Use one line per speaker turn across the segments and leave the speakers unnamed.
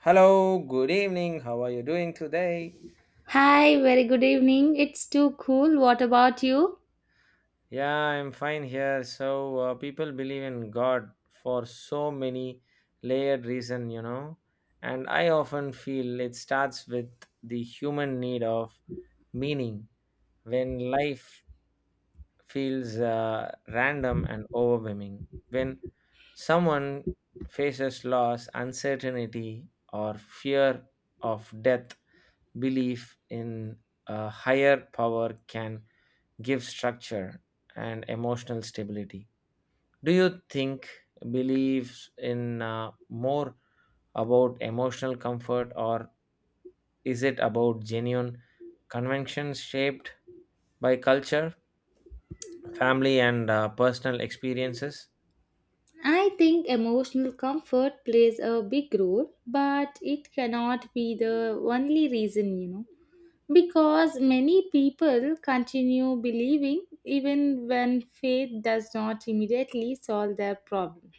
Hello, good evening. How are you doing today?
Hi, very good evening. It's too cool. What about you?
Yeah, I'm fine here. People believe in God for so many layered reason. And I often feel it starts with the human need of meaning. When life feels random and overwhelming. When someone faces loss, uncertainty, or fear of death, belief in a higher power can give structure and emotional stability. Do you think beliefs in more about emotional comfort or is it about genuine conventions shaped by culture, family and personal experiences?
I think emotional comfort plays a big role, but it cannot be the only reason, you know, because many people continue believing even when faith does not immediately solve their problem.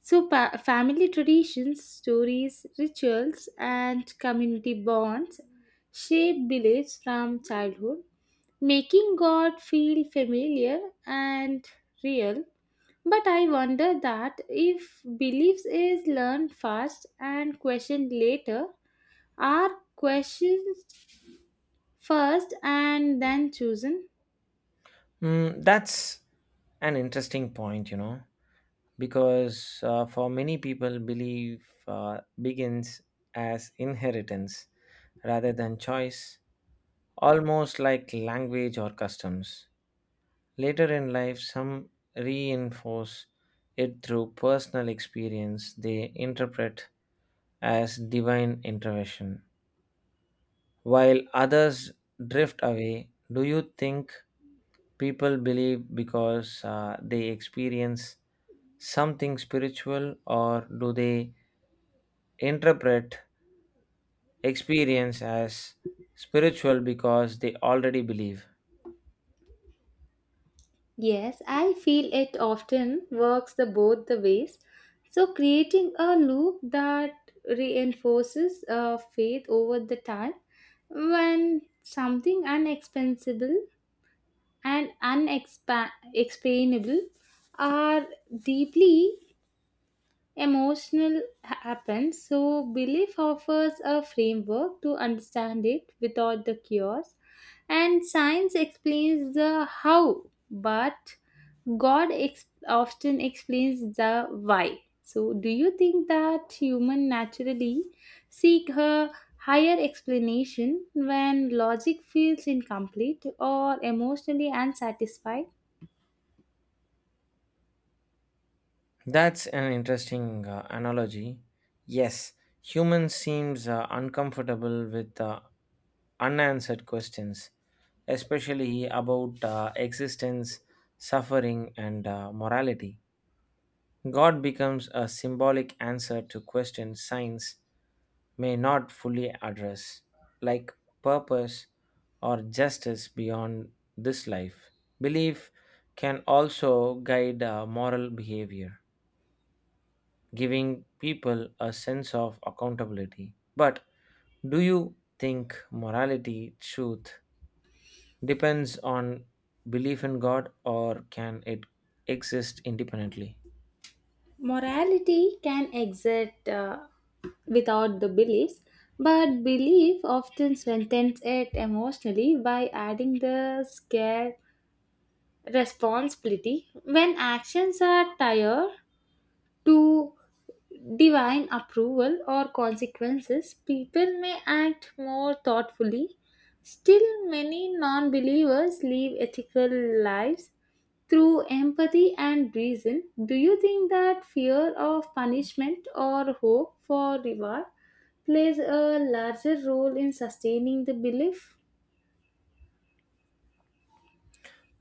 So, family traditions, stories, rituals, and community bonds shape beliefs from childhood, making God feel familiar and real. But I wonder, that if beliefs is learned first and questioned later, are questions first and then chosen?
That's an interesting point, because for many people, belief begins as inheritance rather than choice, almost like language or customs. Later in life, some reinforce it through personal experience they interpret as divine intervention, while others drift away. Do you think people believe because they experience something spiritual, or do they interpret experience as spiritual because they already believe?
Yes, I feel it often works the both the ways. So creating a loop that reinforces faith over the time when something unexpensible and unexplainable are deeply emotional happens, so belief offers a framework to understand it without the cures, and science explains the how, but god often explains the why. So do you think that human naturally seek a higher explanation when logic feels incomplete or emotionally unsatisfied?
That's an interesting analogy. Yes, humans seems uncomfortable with unanswered questions, especially about existence, suffering, and morality. God becomes a symbolic answer to questions science may not fully address, like purpose or justice beyond this life. Belief can also guide moral behavior, giving people a sense of accountability. But do you think morality, truth, depends on belief in God, or can it exist independently?
Morality can exist without the beliefs, but belief often strengthens it emotionally by adding the scare responsibility. When actions are tied to divine approval or consequences, people may act more thoughtfully. Still, many non believers live ethical lives through empathy and reason. Do you think that fear of punishment or hope for reward plays a larger role in sustaining the belief?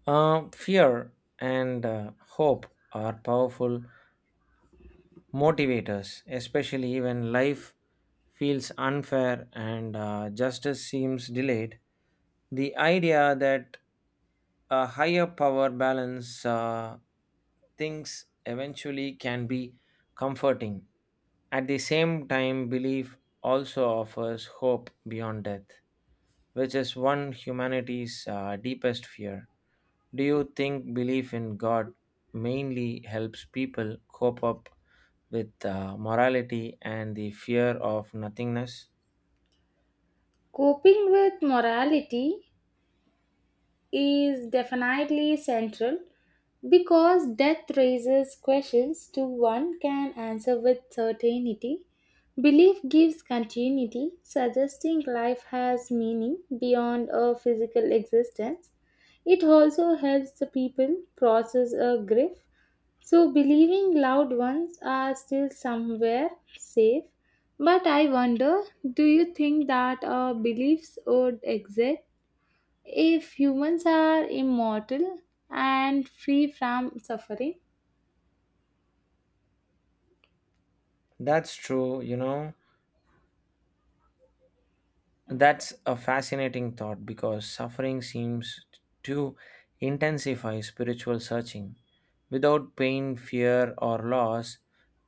Fear and hope are powerful motivators, especially when life feels unfair and justice seems delayed. The idea that a higher power balance things eventually can be comforting. At the same time, belief also offers hope beyond death, which is one humanity's deepest fear. Do you think belief in God mainly helps people cope up with morality and the fear of nothingness?
Coping with morality is definitely central because death raises questions to one can answer with certainty. Belief gives continuity, suggesting life has meaning beyond a physical existence. It also helps the people process a grief. So, believing loved ones are still somewhere safe. But I wonder, do you think that our beliefs would exist if humans are immortal and free from suffering?
That's true. That's a fascinating thought because suffering seems to intensify spiritual searching. Without pain, fear, or loss,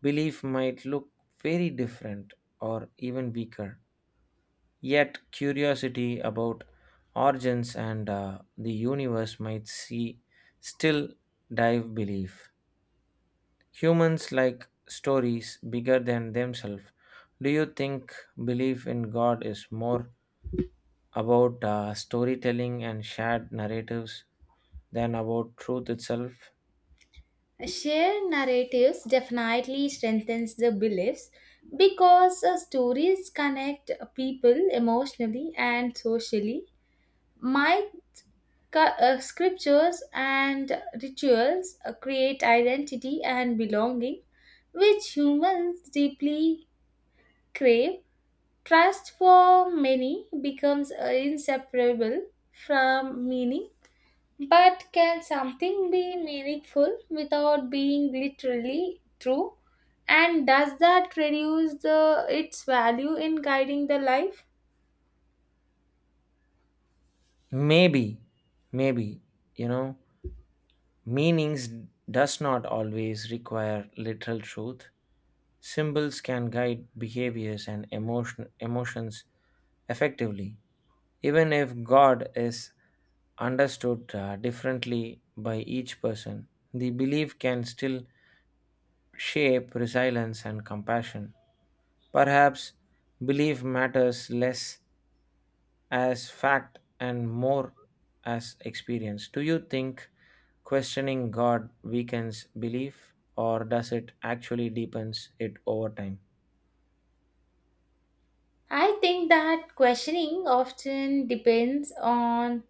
belief might look very different or even weaker. Yet, curiosity about origins and the universe might see still dive belief. Humans like stories bigger than themselves. Do you think belief in God is more about storytelling and shared narratives than about truth itself?
Shared narratives definitely strengthens the beliefs because stories connect people emotionally and socially. Might Scriptures and rituals create identity and belonging, which humans deeply crave. Trust for many becomes inseparable from meaning. But can something be meaningful without being literally true? And does that reduce the its value in guiding the life?
Maybe, maybe, you know. Meanings does not always require literal truth. Symbols can guide behaviors and emotions effectively, even if God is understood differently by each person. The belief can still shape resilience and compassion. Perhaps belief matters less as fact and more as experience. Do you think questioning God weakens belief or does it actually deepens it over time?
I think that questioning often depends on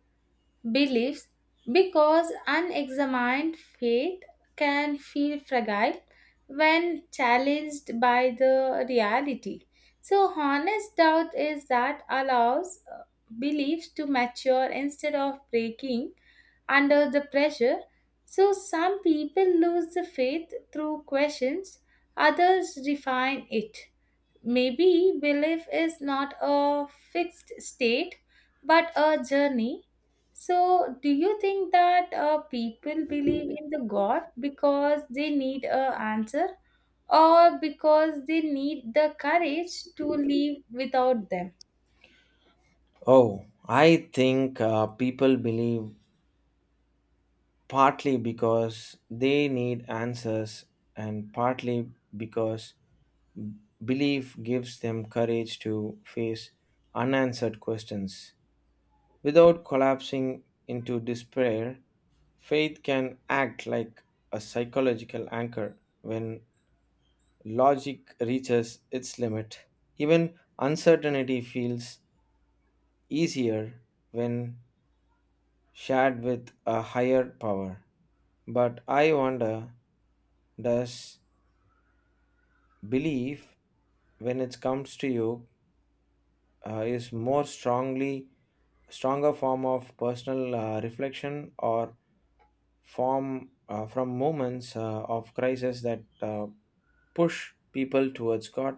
beliefs because unexamined faith can feel fragile when challenged by the reality. So, honest doubt is that allows beliefs to mature instead of breaking under the pressure. So, some people lose the faith through questions, others refine it. Maybe belief is not a fixed state but a journey. So, do you think that people believe in the God because they need a answer, or because they need the courage to live without them?
Oh, I think people believe partly because they need answers and partly because belief gives them courage to face unanswered questions. Without collapsing into despair, faith can act like a psychological anchor when logic reaches its limit. Even uncertainty feels easier when shared with a higher power. But I wonder, does belief, when it comes to you, is more strongly stronger form of personal reflection, or from moments of crisis that push people towards god?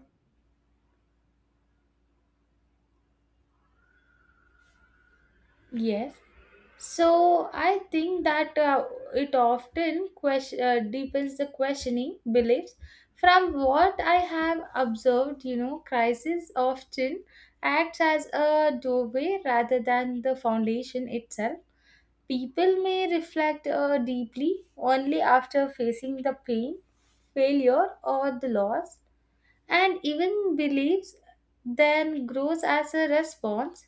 Yes. So I think that it often deepens the questioning beliefs. From what I have observed, you know, crisis often acts as a doorway rather than the foundation itself. People may reflect deeply only after facing the pain, failure, or the loss, and even beliefs then grows as a response.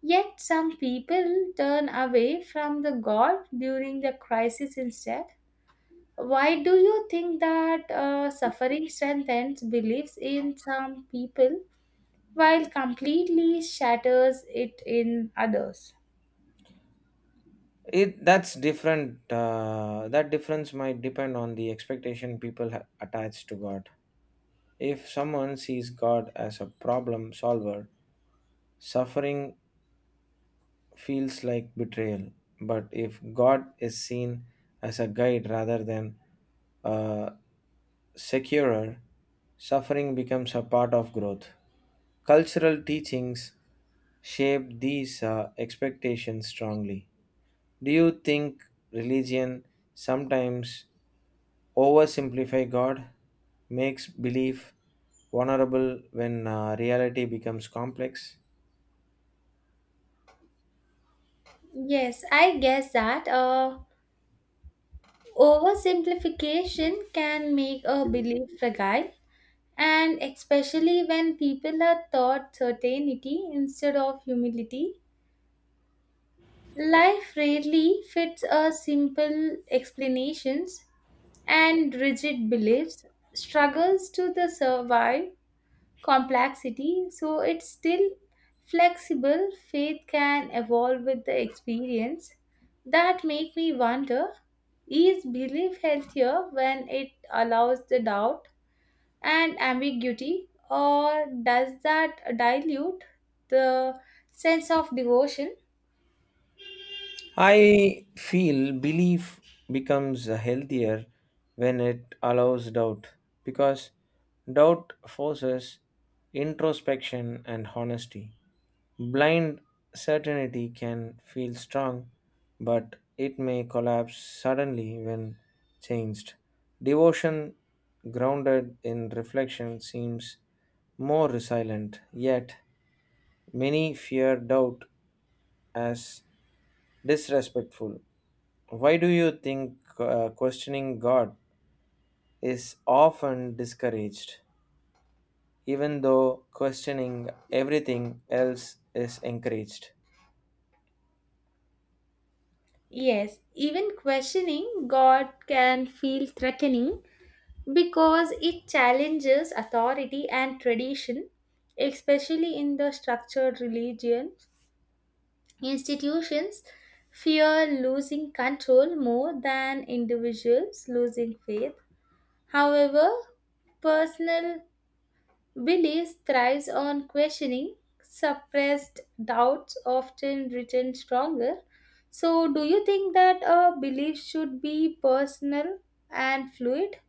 Yet some people turn away from the God during the crisis instead. Why do you think that suffering strengthens beliefs in some people while completely shatters it in others?
It That's different. That difference might depend on the expectation people attach to god. If someone sees god as a problem solver, suffering feels like betrayal, but if god is seen as a guide rather than a securer, suffering becomes a part of growth. Cultural teachings shape these expectations strongly. Do you think religion sometimes oversimplify God, makes belief vulnerable when reality becomes complex?
Yes, I guess that oversimplification can make a belief fragile, and especially when people are taught certainty instead of humility. Life rarely fits a simple explanations, and rigid beliefs struggles to the survive complexity, so it's still flexible. Faith can evolve with the experience. That make me wonder, is belief healthier when it allows the doubt and ambiguity, or does that dilute the sense of devotion?
I feel belief becomes healthier when it allows doubt because doubt forces introspection and honesty. Blind certainty can feel strong, but it may collapse suddenly when changed. Devotion grounded in reflection seems more resilient, yet, many fear doubt as disrespectful. Why do you think questioning God is often discouraged, even though questioning everything else is encouraged?
Yes, even questioning God can feel threatening because it challenges authority and tradition, especially in the structured religion. Institutions fear losing control more than individuals losing faith. However, personal belief thrives on questioning, suppressed doubts often return stronger. So, do you think that a belief should be personal and fluid,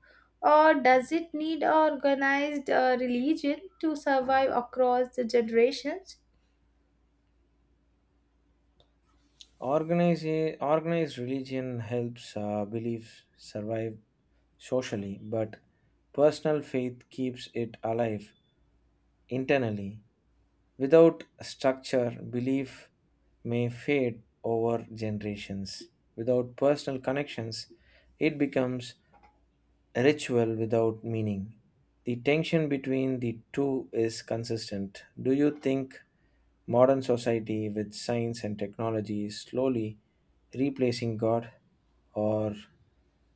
or does it need organized religion to survive across the generations?
Organized religion helps beliefs survive socially, but personal faith keeps it alive internally. Without structure, belief may fade over generations. Without personal connections, it becomes a ritual without meaning. The tension between the two is consistent. Do you think modern society with science and technology is slowly replacing God, or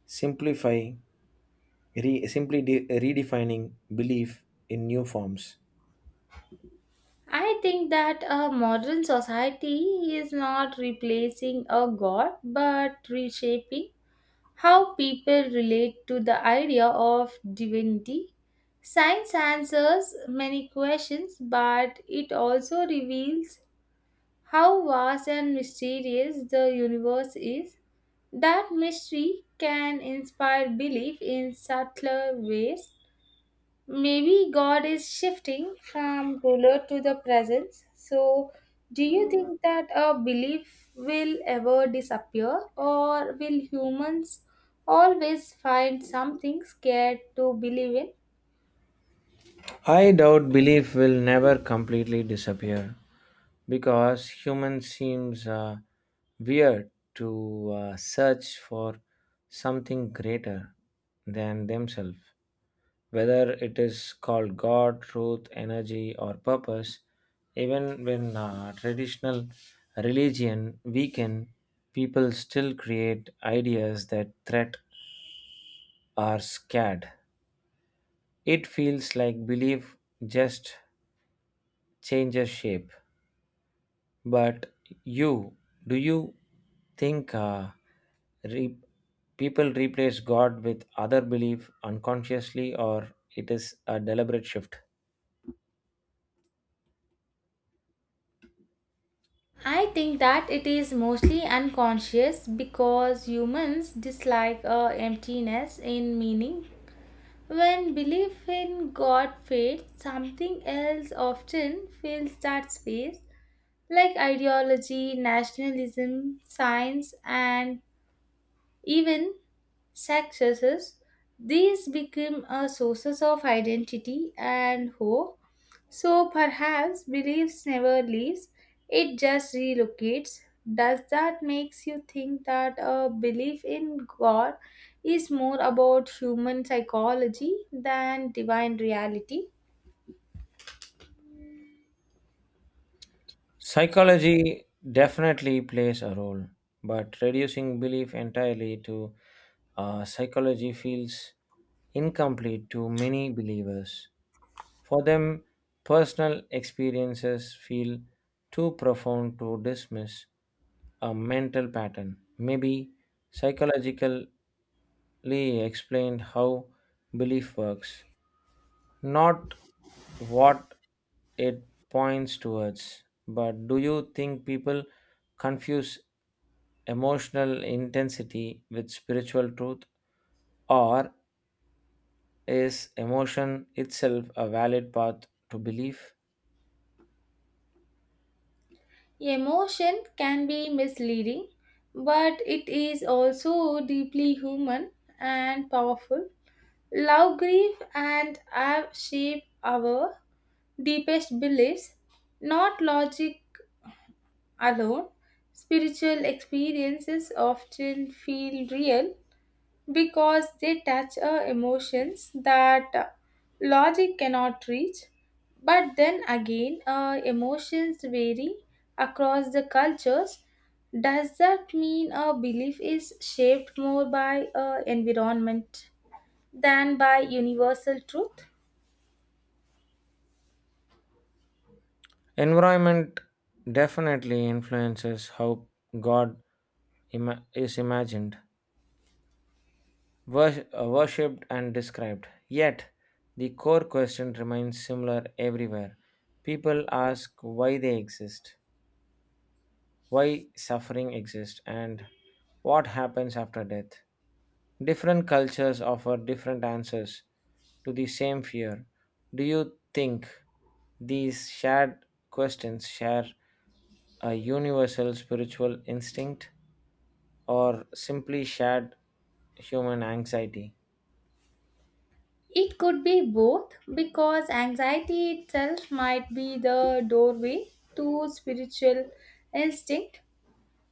simplifying, re, simply de- redefining belief in new forms?
I think that a modern society is not replacing a god but reshaping how people relate to the idea of divinity. Science answers many questions, but it also reveals how vast and mysterious the universe is. That mystery can inspire belief in subtler ways. Maybe God is shifting from ruler to the presence. So, do you think that a belief will ever disappear, or will humans always find something scared to believe in?
I doubt belief will never completely disappear because human seems weird to search for something greater than themselves, whether it is called God, truth, energy, or purpose. Even when traditional religion weaken, people still create ideas that threat or scared. It feels like belief just changes shape. But you, do you think re- people replace God with other belief unconsciously, or it is a deliberate shift?
I think that it is mostly unconscious because humans dislike emptiness in meaning. When belief in God fades, something else often fills that space, like ideology, nationalism, science, and even successes. These become a sources of identity and hope. So perhaps beliefs never leaves; it just relocates. Does that makes you think that a belief in God is more about human psychology than divine reality?
Psychology definitely plays a role, but reducing belief entirely to psychology feels incomplete to many believers. For them, personal experiences feel too profound to dismiss a mental pattern. Maybe psychologically explained how belief works, not what it points towards, but do you think people confuse emotional intensity with spiritual truth? Or is emotion itself a valid path to belief?
Emotion can be misleading, but it is also deeply human and powerful. Love, grief, and awe shape our deepest beliefs, not logic alone. Spiritual experiences often feel real because they touch emotions that logic cannot reach. But then again, emotions vary across the cultures. Does that mean a belief is shaped more by environment than by universal truth?
Environment definitely influences how God is imagined, worshipped and described. Yet, the core question remains similar everywhere. People ask why they exist, why suffering exists, and what happens after death. Different cultures offer different answers to the same fear. Do you think these shared questions share a universal spiritual instinct or simply shared human anxiety?
It could be both because anxiety itself might be the doorway to spiritual instinct.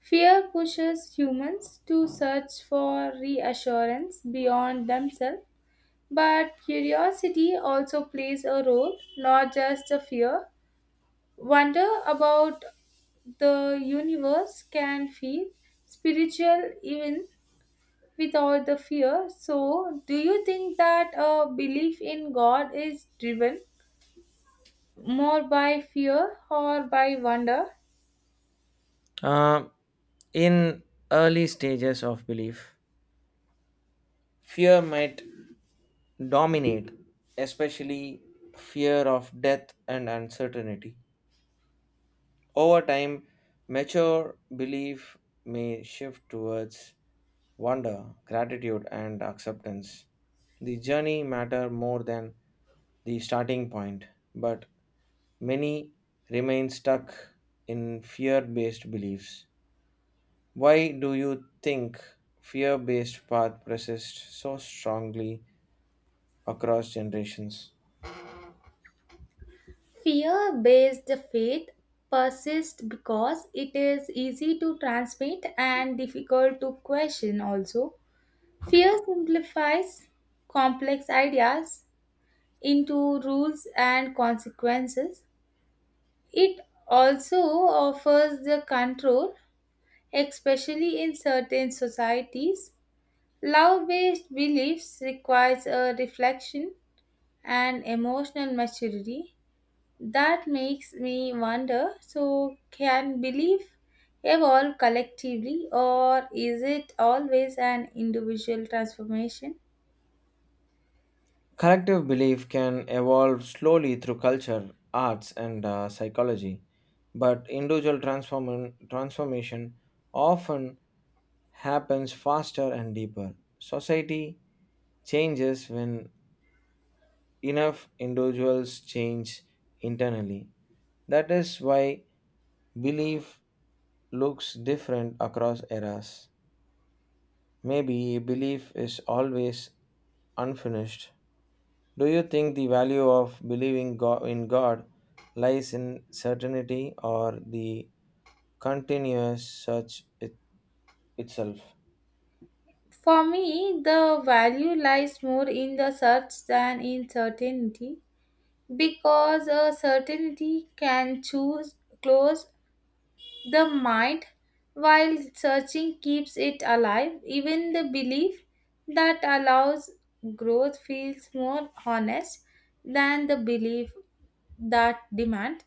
Fear pushes humans to search for reassurance beyond themselves, but curiosity also plays a role, not just the fear. Wonder about the universe can feel spiritual even without the fear. So, do you think that a belief in God is driven more by fear or by wonder?
Uh, In early stages of belief, fear might dominate, especially fear of death and uncertainty. Over time, mature belief may shift towards wonder, gratitude, and acceptance. The journey matter more than the starting point, but many remain stuck in fear-based beliefs. Why do you think fear-based path persists so strongly across generations?
Fear based faith persists because it is easy to transmit and difficult to question, also. Fear simplifies complex ideas into rules and consequences. It also offers the control, especially in certain societies. Love based beliefs requires a reflection and emotional maturity. That makes me wonder, so, can belief evolve collectively, or is it always an individual transformation?
Collective belief can evolve slowly through culture, arts, and psychology, but individual transformation often happens faster and deeper. Society changes when enough individuals change internally. That is why belief looks different across eras. Maybe belief is always unfinished. Do you think the value of believing in God lies in certainty or the continuous search itself?
For me, the value lies more in the search than in certainty because a certainty can choose close the mind, while searching, keeps it alive. Even the belief that allows growth feels more honest than the belief that demands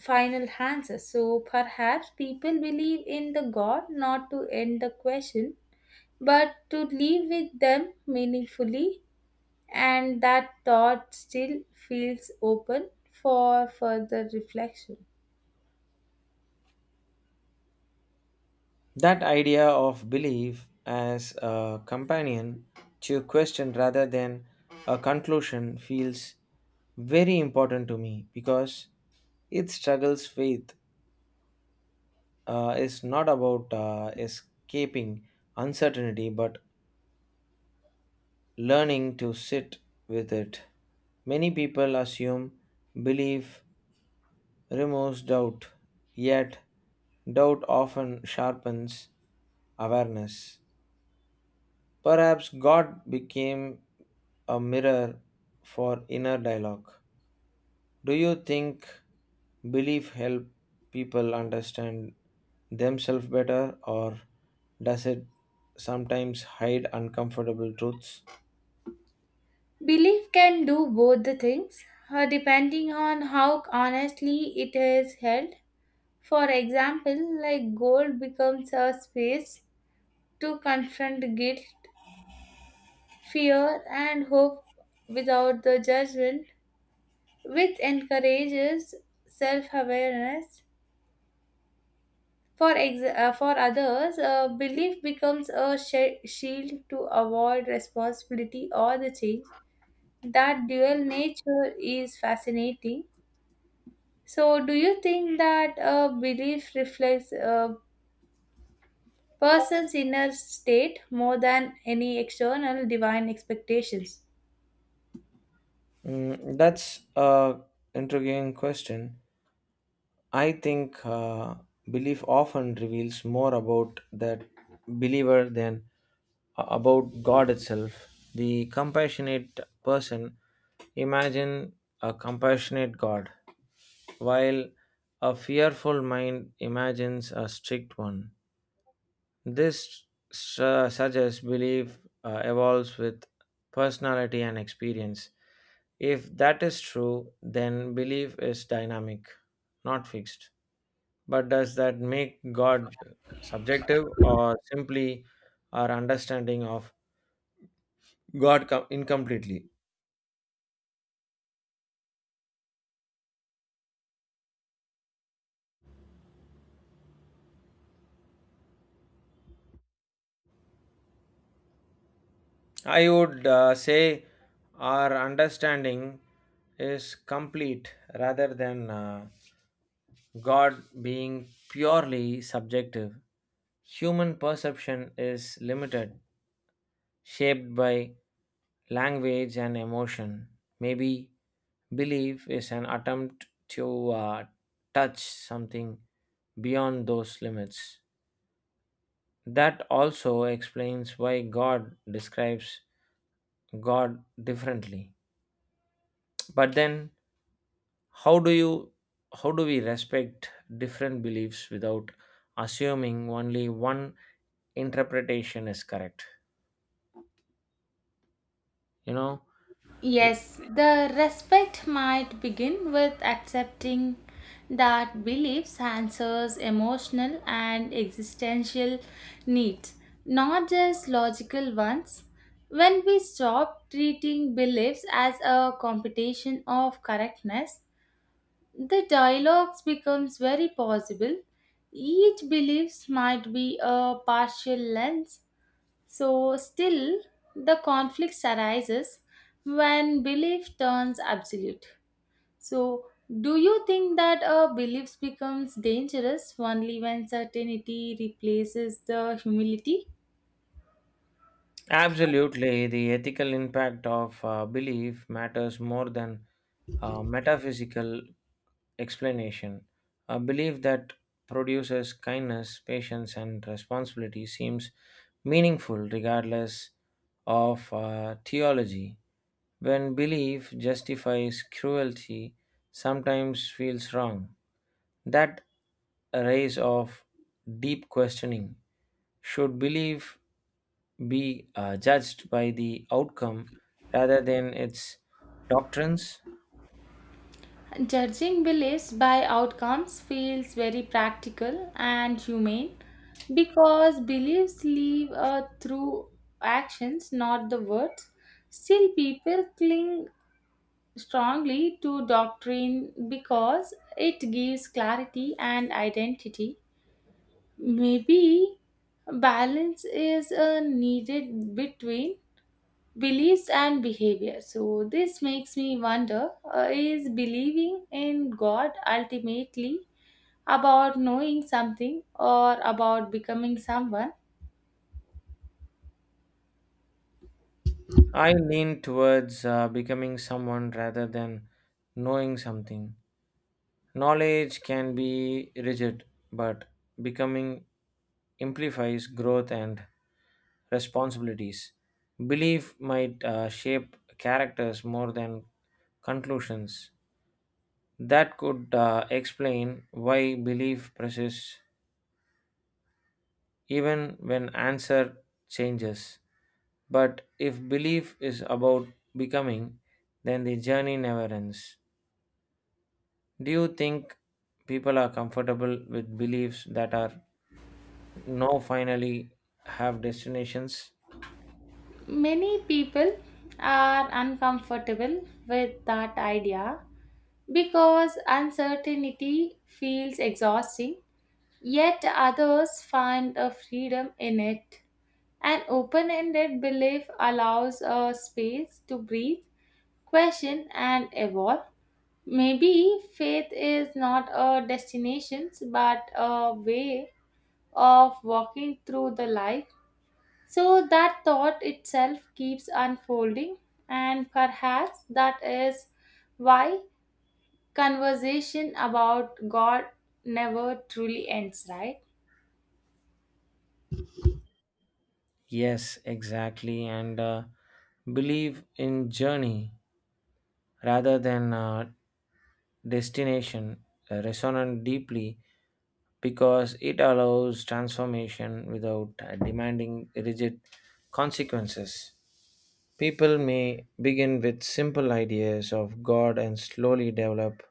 final answers. So perhaps people believe in the God not to end the question, but to live with them meaningfully, and that thought still feels open for further reflection.
That idea of belief as a companion to question rather than a conclusion feels very important to me because it struggles faith is not about escaping uncertainty but learning to sit with it. Many people assume believe, removes doubt, yet, doubt often sharpens awareness. Perhaps God became a mirror for inner dialogue. Do you think belief help people understand themselves better, or does it sometimes hide uncomfortable truths?
Belief can do both the things, depending on how honestly it is held. For example, like gold becomes a space to confront guilt, fear, and hope without the judgment, which encourages self awareness. For others, belief becomes a shield to avoid responsibility or the change. That dual nature is fascinating. So, do you think that a belief reflects a person's inner state more than any external divine expectations?
That's a intriguing question. I think belief often reveals more about that believer than about God itself. The compassionate person imagine a compassionate God, while a fearful mind imagines a strict one. This suggests belief evolves with personality and experience. If that is true, then belief is dynamic, not fixed. But does that make God subjective or simply our understanding of God incompletely? I would say our understanding is complete rather than God being purely subjective. Human perception is limited, shaped by language and emotion. Maybe belief is an attempt to touch something beyond those limits. That also explains why God describes God differently. But then, how do you how do we respect different beliefs without assuming only one interpretation is correct? You know, the,
Yes, the respect might begin with accepting that beliefs answers emotional and existential needs, not just logical ones. When we stop treating beliefs as a competition of correctness, the dialogues becomes very possible. Each beliefs might be a partial lens. So still the conflicts arises when belief turns absolute. So do you think that a belief becomes dangerous only when certainty replaces the humility?
absolutely the ethical impact of belief matters more than metaphysical explanation. A belief that produces kindness, patience, and responsibility seems meaningful regardless of theology. When belief justifies cruelty, sometimes feels wrong. That raise of deep questioning, should belief be judged by the outcome rather than its doctrines?
Judging beliefs by outcomes feels very practical and humane because beliefs live through actions, not the words. Still, people cling strongly to doctrine because it gives clarity and identity. Maybe balance is needed between beliefs and behavior. So, this makes me wonder, is believing in God ultimately about knowing something or about becoming someone?
I lean towards becoming someone rather than knowing something. Knowledge can be rigid, but becoming amplifies growth and responsibilities. Belief might shape characters more than conclusions. That could explain why belief persists even when answer changes. But if belief is about becoming, then the journey never ends. Do you think people are comfortable with beliefs that are no finally have destinations?
Many people are uncomfortable with that idea because uncertainty feels exhausting, yet, others find a freedom in it. An open ended belief allows a space to breathe, question, and evolve. Maybe faith is not a destination but a way of walking through the life. So that thought itself keeps unfolding, and perhaps that is why conversation about God never truly ends, right?
Yes, exactly. And believe in journey rather than destination resonant deeply because it allows transformation without demanding rigid consequences. People may begin with simple ideas of God and slowly develop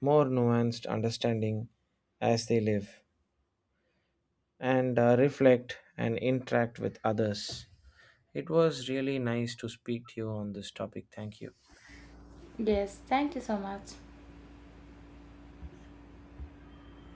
more nuanced understanding as they live and reflect and interact with others. It was really nice to speak to you on this topic. Thank you.
Yes, thank you so much.